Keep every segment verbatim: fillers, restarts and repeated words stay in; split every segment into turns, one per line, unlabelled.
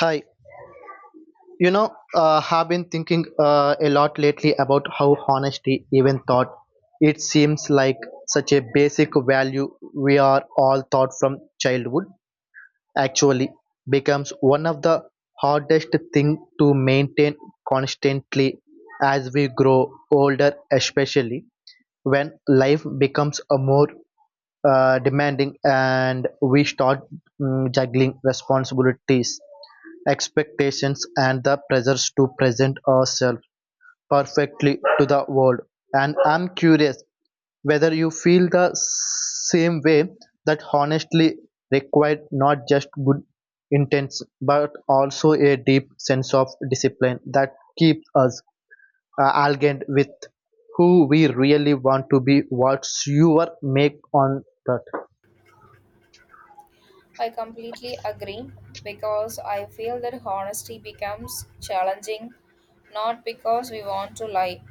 Hi, you know, uh, have been thinking uh, a lot lately about how honesty, even thought, it seems like such a basic value we are all taught from childhood. Actually, becomes one of the hardest thing to maintain constantly as we grow older, especially when life becomes a more uh, demanding, and we start mm, juggling responsibilities, expectations, and the pressures to present ourselves perfectly to the world. And I'm curious whether you feel the same way that honestly required not just good intents but also a deep sense of discipline that keeps us uh, aligned with who we really want to be what's your make on that.
I completely agree because I feel that honesty becomes challenging not because we want to lie,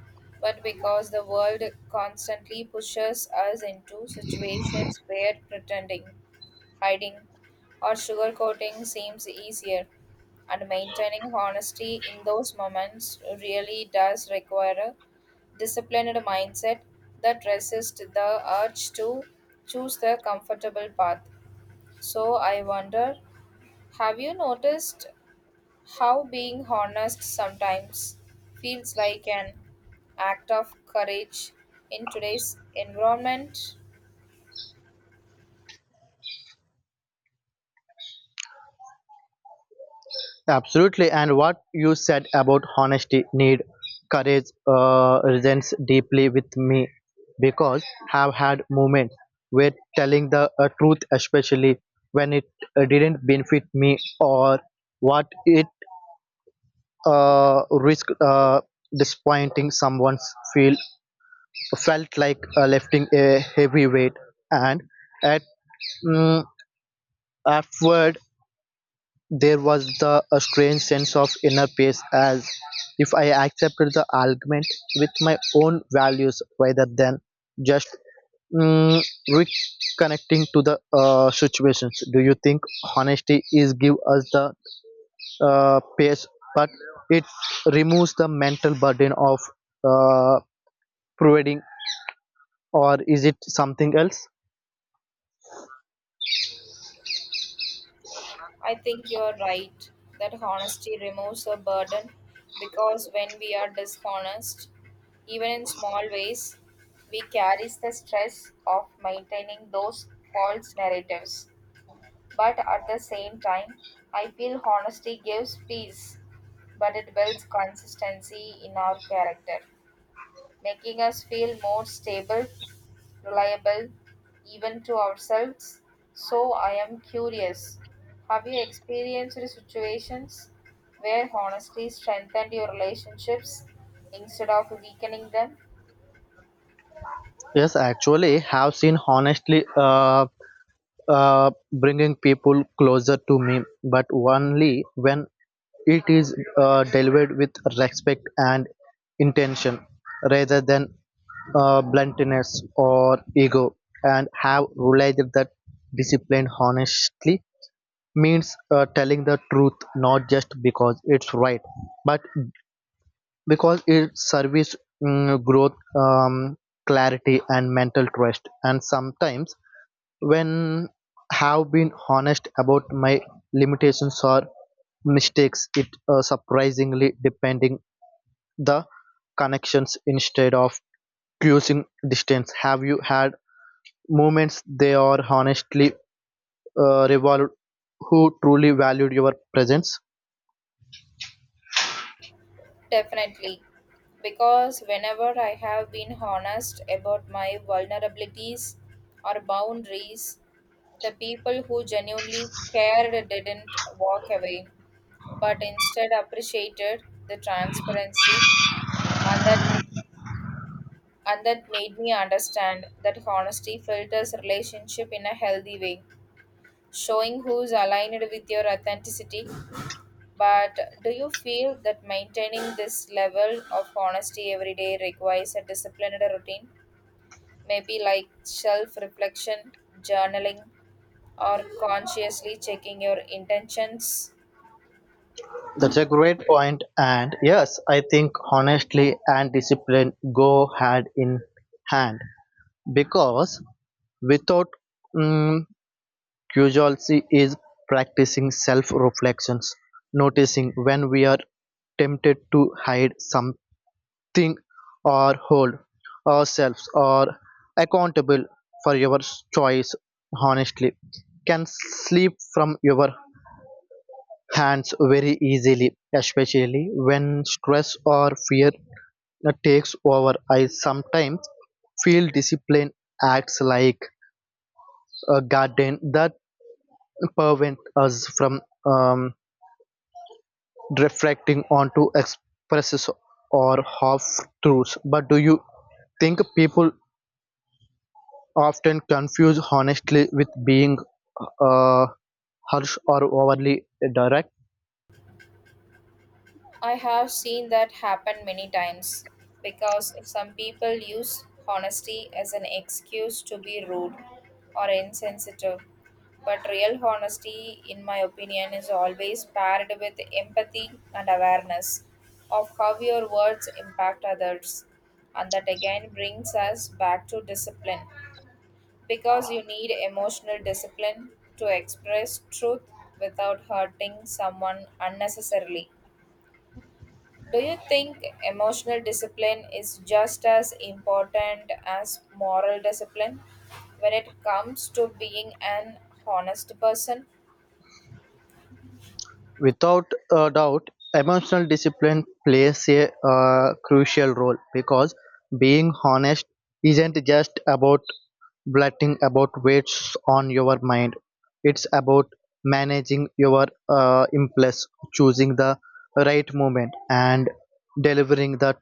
but because the world constantly pushes us into situations where pretending, hiding, or sugarcoating seems easier. And maintaining honesty in those moments really does require a disciplined mindset that resists the urge to choose the comfortable path. So I wonder, have you noticed how being honest sometimes feels like an act of courage in today's environment?
Absolutely. And what you said about honesty, need, courage uh, resents deeply with me because have had moments where telling the uh, truth, especially when it uh, didn't benefit me or what it uh, risked uh, disappointing someone's feel felt like uh, lifting a heavy weight and at mm, afterward there was the a strange sense of inner peace, as if I accepted the argument with my own values rather than just mm, reconnecting to the uh, situations. Do you think honesty is give us the uh, peace, but it removes the mental burden of uh, providing, or is it something else?
I think you're right that honesty removes a burden because when we are dishonest, even in small ways, we carry the stress of maintaining those false narratives. But at the same time, I feel honesty gives peace, but it builds consistency in our character, making us feel more stable, reliable, even to ourselves. So I am curious. Have you experienced situations where honesty strengthened your relationships instead of weakening them?
Yes, actually, have seen honestly. Uh, uh, bringing people closer to me, but only when it is uh, delivered with respect and intention rather than uh, bluntness or ego. And have realized that discipline honestly means uh, telling the truth not just because it's right, but because it serves mm, growth, um, clarity, and mental trust. And sometimes when have been honest about my limitations or mistakes it uh, surprisingly depending the connections instead of cruising distance have you had moments they are honestly uh, revolved who truly valued your presence.
Definitely. Because whenever I have been honest about my vulnerabilities or boundaries, the people who genuinely cared didn't walk away, but instead appreciated the transparency and that and that made me understand that honesty filters relationship in a healthy way. Showing who's aligned with your authenticity. But do you feel that maintaining this level of honesty every day requires a disciplined routine? Maybe like self reflection, journaling, or consciously checking your intentions?
That's a great point and yes I think honestly and discipline go hand in hand because without mm curiosity is practicing self reflections noticing when we are tempted to hide something or hold ourselves or accountable for your choice honestly can slip from your hands very easily especially when stress or fear takes over. I sometimes feel discipline acts like a garden that prevents us from um, reflecting onto expresses or half-truths, but do you think people often confuse honesty with being uh, harsh or overly direct?
I have seen that happen many times because some people use honesty as an excuse to be rude or insensitive. But real honesty, in my opinion, is always paired with empathy and awareness of how your words impact others. And that again brings us back to discipline because you need emotional discipline to express truth without hurting someone unnecessarily. Do you think emotional discipline is just as important as moral discipline when it comes to being an honest person?
Without a doubt, emotional discipline plays a uh, crucial role because being honest isn't just about blotting about weights on your mind. It's about managing your uh, impulse, choosing the right moment, and delivering the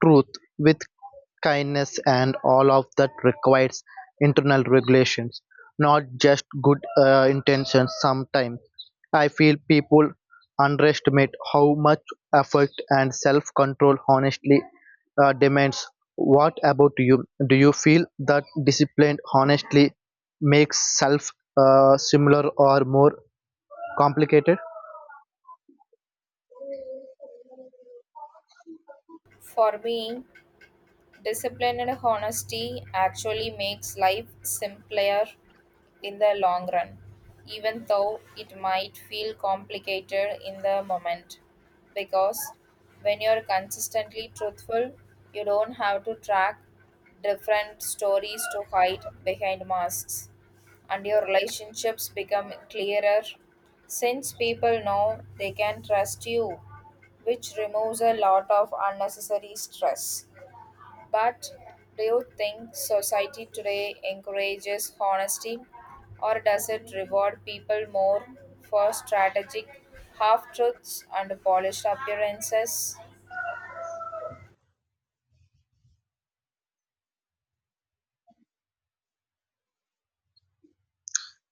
truth with kindness. And all of that requires internal regulations, not just good uh, intentions. Sometimes I feel people underestimate how much effort and self-control honestly uh, demands. What about you? Do you feel that discipline honestly makes self uh, similar or more complicated?
For me, discipline and honesty actually makes life simpler in the long run, even though it might feel complicated in the moment. Because when you're consistently truthful, you don't have to track different stories to hide behind masks, and your relationships become clearer since people know they can trust you, which removes a lot of unnecessary stress. But do you think society today encourages honesty or does it reward people more for strategic half truths and polished appearances?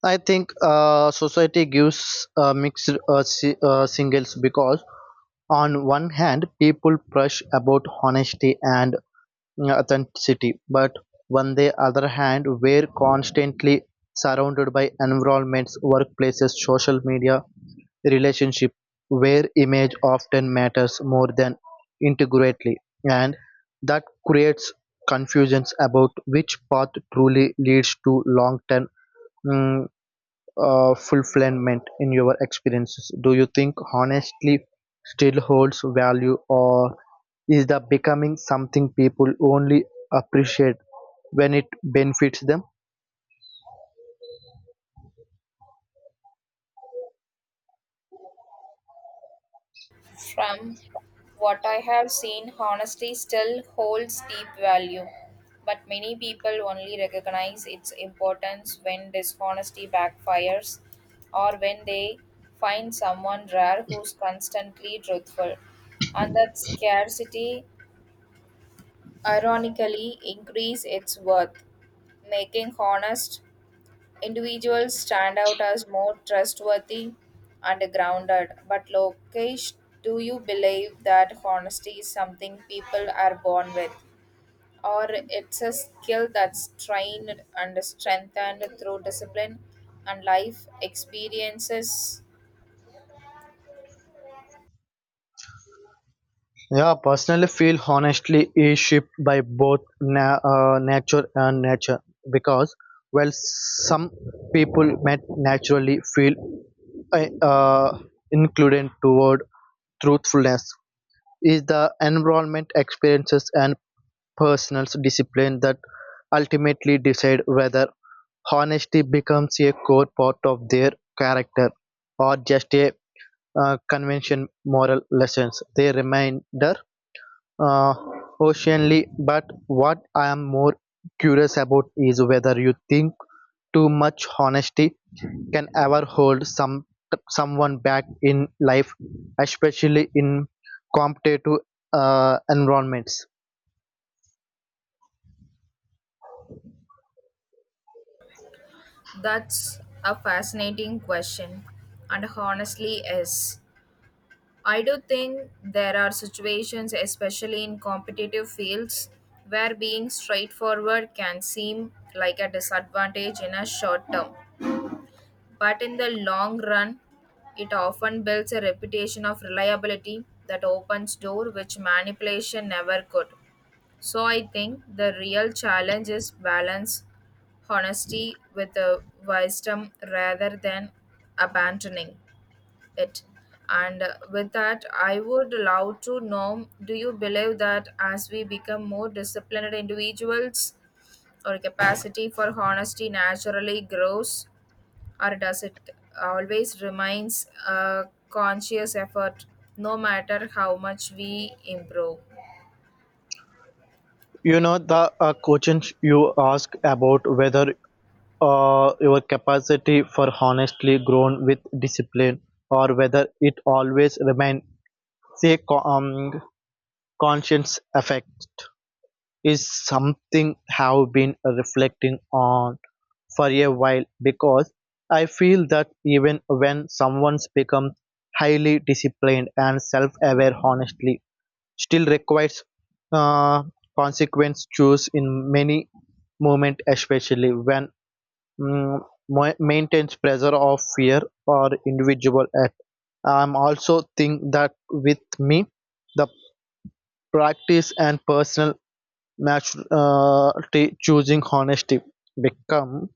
I think uh, society gives uh, mixed uh, si- uh, singles because on one hand people push about honesty and authenticity, but on the other hand, we're constantly surrounded by environments, workplaces, social media, relationship, where image often matters more than integrity, and that creates confusions about which path truly leads to long-term mm, uh, fulfillment in your experiences. Do you think honestly still holds value, or is the becoming something people only appreciate when it benefits them?
From what I have seen, honesty still holds deep value, but many people only recognize its importance when dishonesty backfires or when they find someone rare who's constantly truthful. And that scarcity ironically increase its worth, making honest individuals stand out as more trustworthy and grounded. But Lokesh, do you believe that honesty is something people are born with? Or it's a skill that's trained and strengthened through discipline and life experiences?
Yeah, personally feel honestly is shaped by both na- uh, nature and nature because while some people might naturally feel uh, uh, included toward truthfulness is the environment experiences and personal discipline that ultimately decide whether honesty becomes a core part of their character or just a uh, convention moral lessons they reminder uh, oceanly but what I am more curious about is whether you think too much honesty can ever hold some someone back in life especially in competitive uh, environments.
That's a fascinating question, and honestly, is. I do think there are situations, especially in competitive fields, where being straightforward can seem like a disadvantage in a short term. But in the long run, it often builds a reputation of reliability that opens door which manipulation never could. So I think the real challenge is balance honesty with the wisdom rather than abandoning it. And uh, with that, I would love to know, do you believe that as we become more disciplined individuals, our capacity for honesty naturally grows, or does it always remains a conscious effort no matter how much we improve?
You know the uh, question you ask about whether uh, your capacity for honestly grown with discipline or whether it always remain say co- um, conscience effect is something have been reflecting on for a while because I feel that even when someone's become highly disciplined and self-aware honestly still requires uh, consequence choose in many moment especially when mm, ma- maintains pressure of fear or individual act. I'm also think that with me, the practice and personal maturity choosing honesty become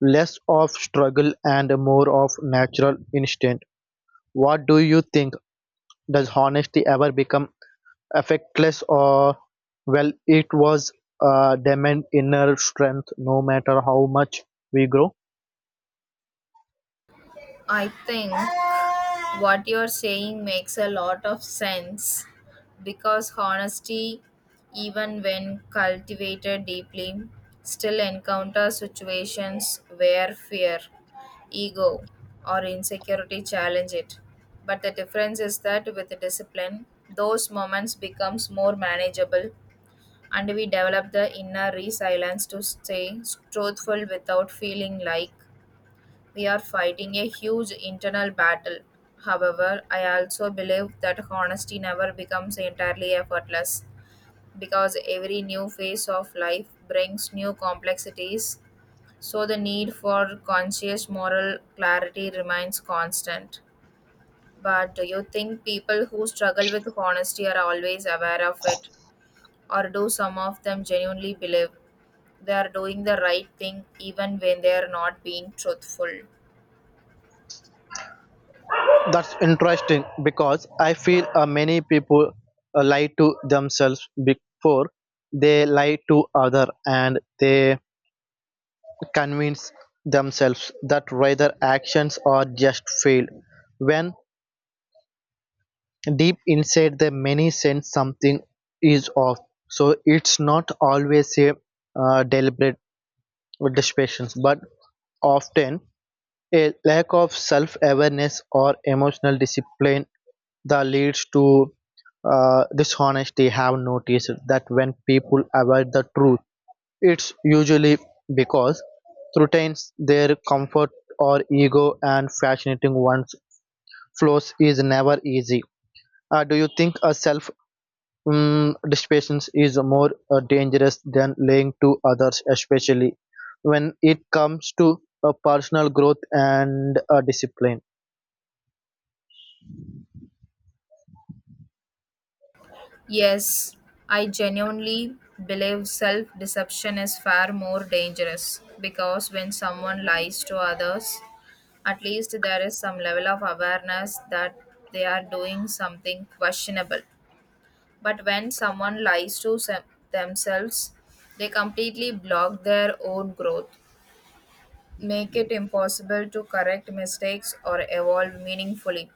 less of struggle and more of natural instinct. What do you think? Does honesty ever become effectless? Or well it was uh, demand inner strength no matter how much we grow?
I think what you're saying makes a lot of sense because honesty, even when cultivated deeply, still encounters situations where fear, ego, or insecurity challenge it. But the difference is that with discipline, those moments becomes more manageable and we develop the inner resilience to stay truthful without feeling like we are fighting a huge internal battle. However, I also believe that honesty never becomes entirely effortless because every new phase of life brings new complexities, so the need for conscious moral clarity remains constant. But do you think people who struggle with honesty are always aware of it, or do some of them genuinely believe they are doing the right thing even when they are not being truthful?
That's interesting because I feel uh, many people uh, lie to themselves before they lie to other and they convince themselves that rather actions are just failed when deep inside the many sense something is off so it's not always a uh, deliberate distractions but often a lack of self-awareness or emotional discipline that leads to uh, dishonesty have noticed that when people avoid the truth it's usually because threatens their comfort or ego and fascinating one's flaws is never easy. Uh, do you think a self um, deception is more uh, dangerous than lying to others especially when it comes to uh, personal growth and uh, discipline.
Yes, I genuinely believe self deception is far more dangerous because when someone lies to others, at least there is some level of awareness that they are doing something questionable. But when someone lies to se- themselves, they completely block their own growth, make it impossible to correct mistakes or evolve meaningfully.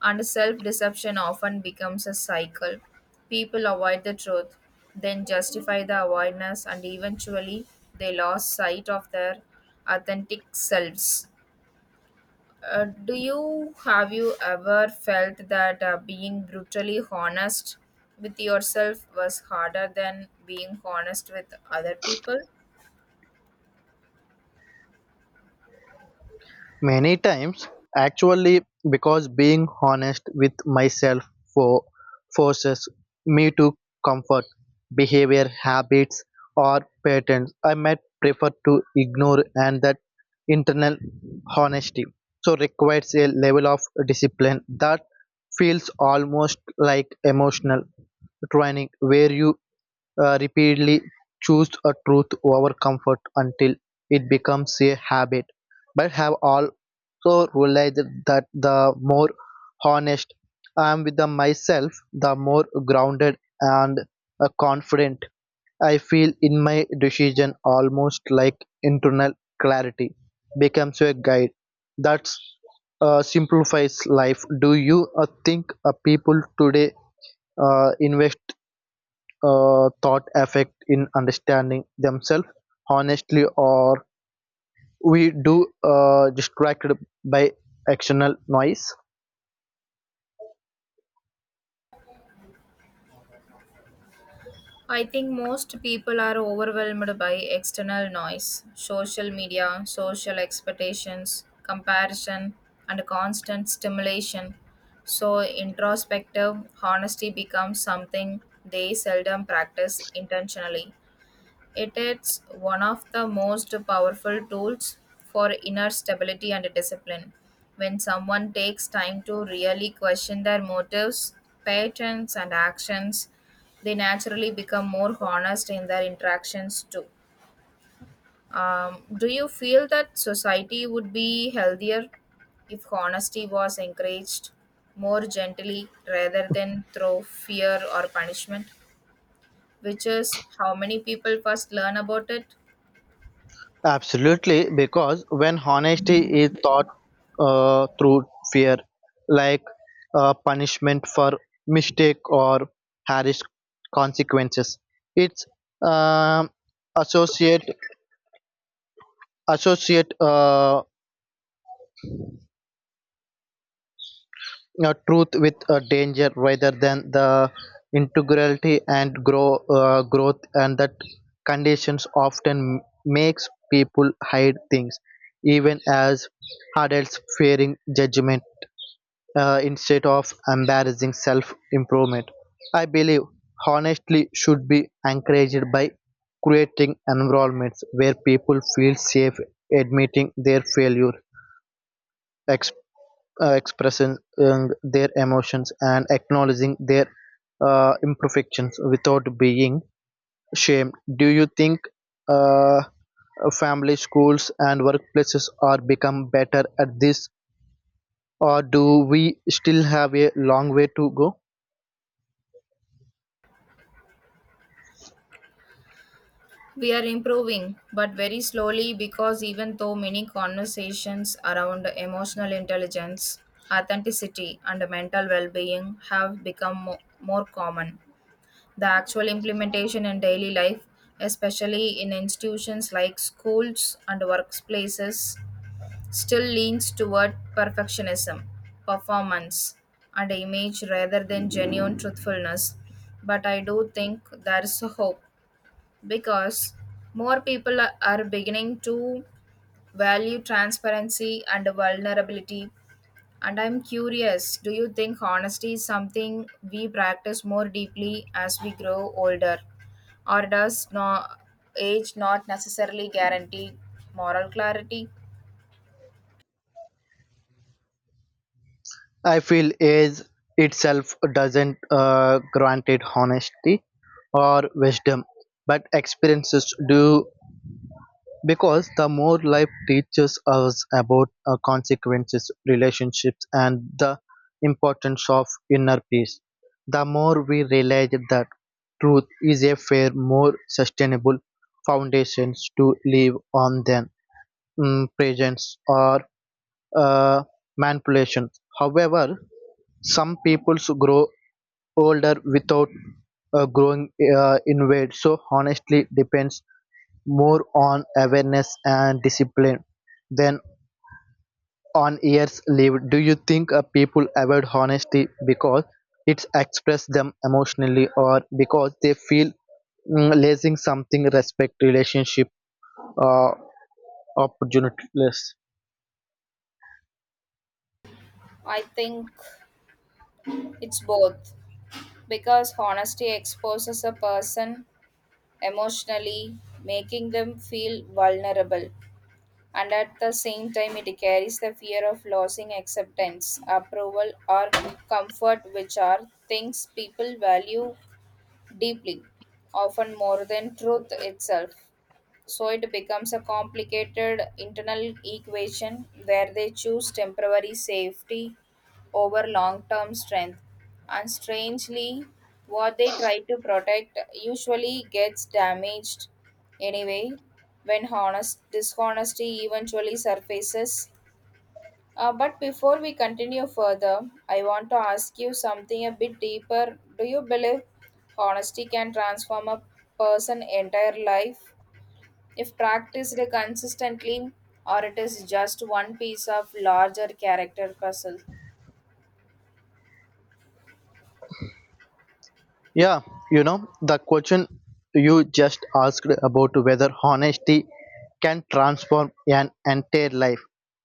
And self deception often becomes a cycle. People avoid the truth, then justify the avoidance, and eventually they lost sight of their authentic selves. Uh, do you have you ever felt that uh, being brutally honest with yourself was harder than being honest with other people?
Many times, actually, because being honest with myself for forces me to comfort behavior, habits, or patterns I might prefer to ignore, and that internal honesty so requires a level of discipline that feels almost like emotional training, where you uh, repeatedly choose a truth over comfort until it becomes a habit but have all so realized that the more honest I am with the myself, the more grounded and uh, confident I feel in my decision, almost like internal clarity becomes a guide that uh, simplifies life. Do you uh, think uh, people today uh, invest uh, thought effect in understanding themselves honestly, or we do uh, distracted by external noise?
I think most people are overwhelmed by external noise, social media, social expectations, comparison, and constant stimulation. So, introspective honesty becomes something they seldom practice intentionally. It is one of the most powerful tools for inner stability and discipline. When someone takes time to really question their motives, patterns, and actions, they naturally become more honest in their interactions too. Um, do you feel that society would be healthier if honesty was encouraged more gently rather than through fear or punishment? Which is how many people first learn about it.
Absolutely, because when honesty is taught uh, through fear, like uh, punishment for mistake or harsh consequences, it's um associate associate uh, uh, truth with uh, danger rather than the integrity and grow uh, growth, and that conditions often makes people hide things, even as adults fearing judgment uh, instead of embarrassing self improvement. I believe honestly should be encouraged by creating environments where people feel safe admitting their failure, ex uh, expressing um, their emotions, and acknowledging their uh, imperfections without being shamed. Do you think uh, family, schools, and workplaces are become better at this, or do we still have a long way to go?
We are improving, but very slowly because even though many conversations around emotional intelligence, authenticity, and mental well being have become mo- more common, the actual implementation in daily life, especially in institutions like schools and workplaces, still leans toward perfectionism, performance, and image rather than genuine truthfulness. But I do think there is hope because more people are are beginning to value transparency and vulnerability. And I'm curious, do you think honesty is something we practice more deeply as we grow older, or does no, age not necessarily guarantee moral clarity?
I feel age itself doesn't uh, grant it honesty or wisdom, but experiences do because the more life teaches us about uh, consequences, relationships, and the importance of inner peace, the more we realize that truth is a fair, more sustainable foundations to live on than mm, presence or uh, manipulation. However, some people grow older without uh, growing uh, in weight so honestly depends more on awareness and discipline than on years lived. Do you think uh, people avoid honesty because it's express them emotionally or because they feel mm, losing something respect relationship uh, opportunities.
I think it's both because honesty exposes a person emotionally, making them feel vulnerable. And at the same time, it carries the fear of losing acceptance, approval, or comfort, which are things people value deeply, often more than truth itself. So it becomes a complicated internal equation where they choose temporary safety over long term strength. And strangely, what they try to protect usually gets damaged anyway when honest dishonesty eventually surfaces. Uh, but before we continue further, I want to ask you something a bit deeper. Do you believe honesty can transform a person entire life? If practiced consistently, or it is just one piece of larger character puzzle.
Yeah, you know, the question you just asked about whether honesty can transform an entire life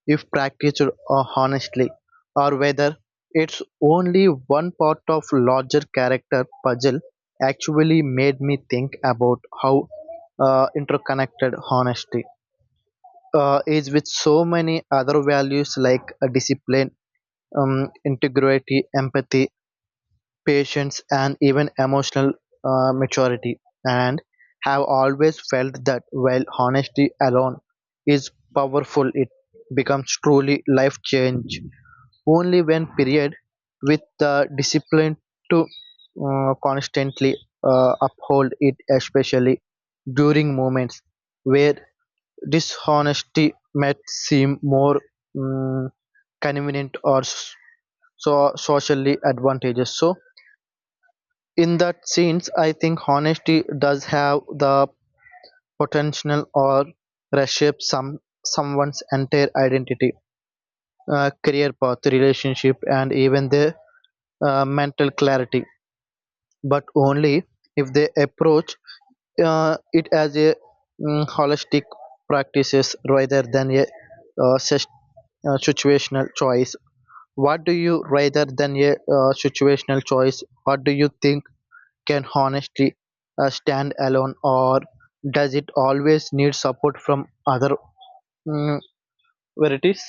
if practiced uh, honestly, or whether it's only one part of larger character puzzle actually made me think about how uh, interconnected honesty uh, is with so many other values like uh, discipline, um, integrity, empathy, patience and even emotional uh, maturity and have always felt that while honesty alone is powerful it becomes truly life change only when period with the discipline to uh, constantly uh, uphold it especially during moments where dishonesty might seem more mm, convenient or s- so socially advantageous so in that sense, I think honesty does have the potential or reshape some someone's entire identity, uh, career path, relationship, and even their uh, mental clarity. But only if they approach uh, it as a mm, holistic practices rather than a uh, sis- uh, situational choice. What do you rather than a uh, situational choice? What do you think? Can honesty stand alone or does it always need support from other mm varieties?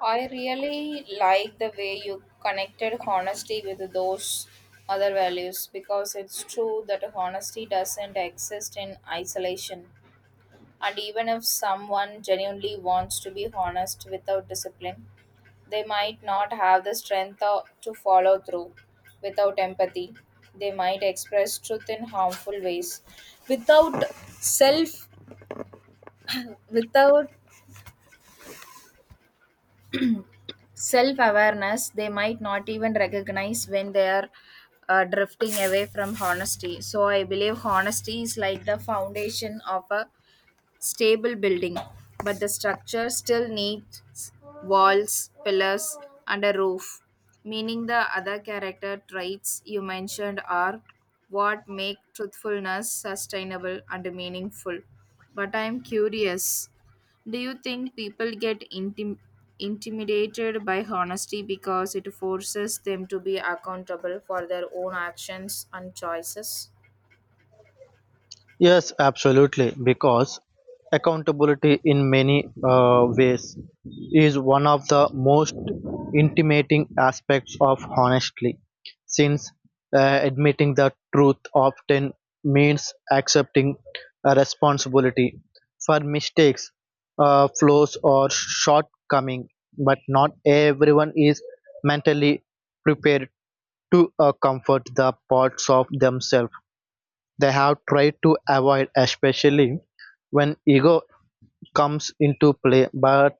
I really like the way you connected honesty with those other values because it's true that honesty doesn't exist in isolation. And even if someone genuinely wants to be honest without discipline, they might not have the strength uh, to follow through without empathy. They might express truth in harmful ways. Without self without self awareness, they might not even recognize when they are uh, drifting away from honesty. So I believe honesty is like the foundation of a stable building, but the structure still needs walls, pillars, and a roof. Meaning, the other character traits you mentioned are what make truthfulness sustainable and meaningful. But I am curious, do you think people get intim- intimidated by honesty because it forces them to be accountable for their own actions and choices?
Yes, absolutely, because accountability in many uh, ways is one of the most intimating aspects of honesty, since uh, admitting the truth often means accepting a responsibility for mistakes, uh, flaws, or shortcoming. But not everyone is mentally prepared to uh, comfort the parts of themselves they have tried to avoid, especially when ego comes into play. But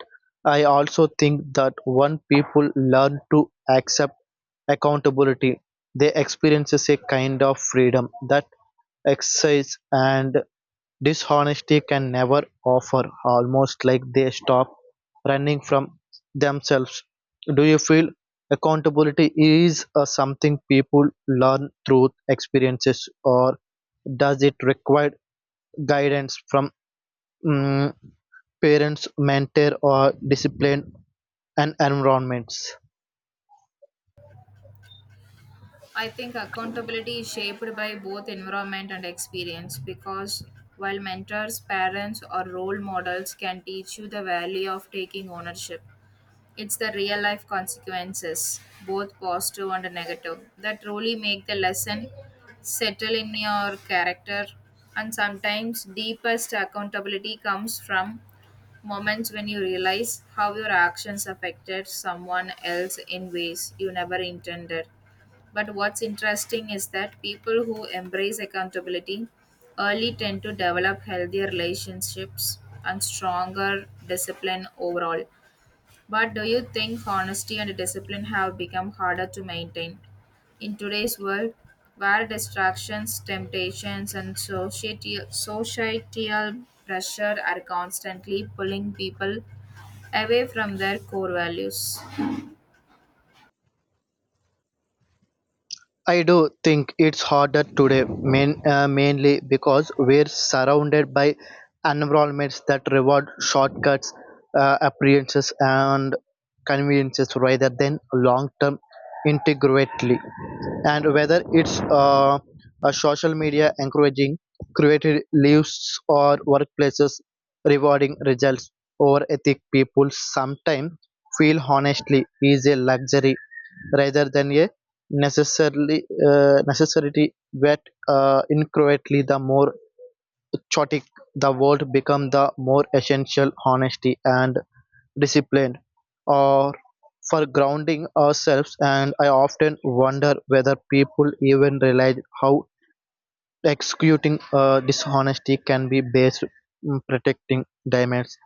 I also think that when people learn to accept accountability, they experiences a kind of freedom that exercise and dishonesty can never offer, almost like they stop running from themselves. Do you feel accountability is uh, something people learn through experiences or does it require guidance from mm, parents, mentor, or discipline and environments?
I think accountability is shaped by both environment and experience because while mentors, parents, or role models can teach you the value of taking ownership, it's the real life consequences, both positive and negative, that truly make the lesson settle in your character. And sometimes, deepest accountability comes from moments when you realize how your actions affected someone else in ways you never intended. But what's interesting is that people who embrace accountability early tend to develop healthier relationships and stronger discipline overall. But do you think honesty and discipline have become harder to maintain? In today's world, where distractions, temptations, and societal, societal pressure are constantly pulling people away from their core values.
I do think it's harder today, main, uh, mainly because we're surrounded by environments that reward shortcuts, uh, appearances, and conveniences rather than long term integrity. And whether it's uh, a social media encouraging creative lives or workplaces rewarding results over ethic, people sometimes feel honestly is a luxury rather than a necessarily uh, necessarily that uh, incorrectly the more chaotic the world become the more essential honesty and discipline are for grounding ourselves and I often wonder whether people even realize how executing a dishonesty can be based on protecting diamonds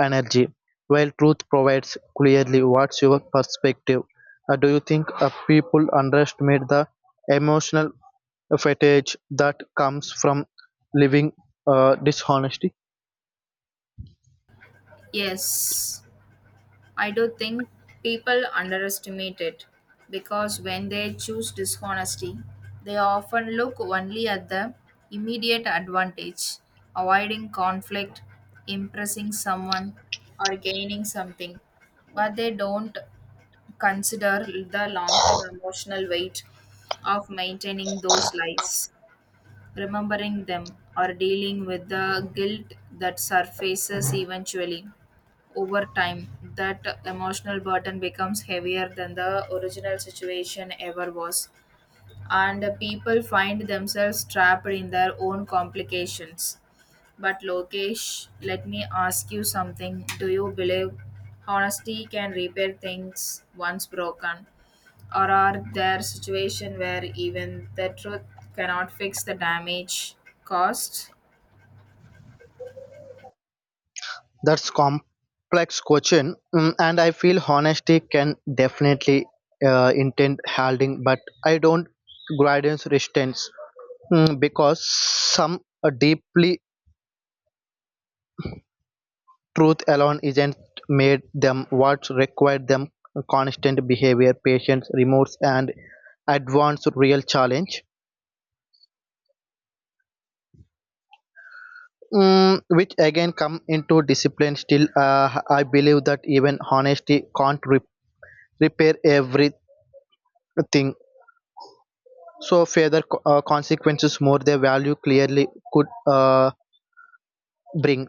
energy, while truth provides clearly what's your perspective. Uh, do you think uh, people underestimate the emotional fatigue that comes from living uh, dishonesty?
Yes. I do think people underestimate it because when they choose dishonesty, they often look only at the immediate advantage, avoiding conflict, impressing someone, or gaining something, but they don't consider the long term emotional weight of maintaining those lies, remembering them, or dealing with the guilt that surfaces eventually. Over time, that emotional burden becomes heavier than the original situation ever was and the people find themselves trapped in their own complications. But Lokesh, let me ask you something. Do you believe honesty can repair things once broken? Or are there situations where even the truth cannot fix the damage caused?
That's complex question, mm, and I feel honesty can definitely uh, intend holding, but I don't guidance resistance mm, because some uh, deeply truth alone isn't made them what required them constant behavior, patience, remorse, and advanced real challenge. Mm, which again come into discipline still uh, I believe that even honesty can't re- repair everything so further co- uh, consequences more their value clearly could uh, bring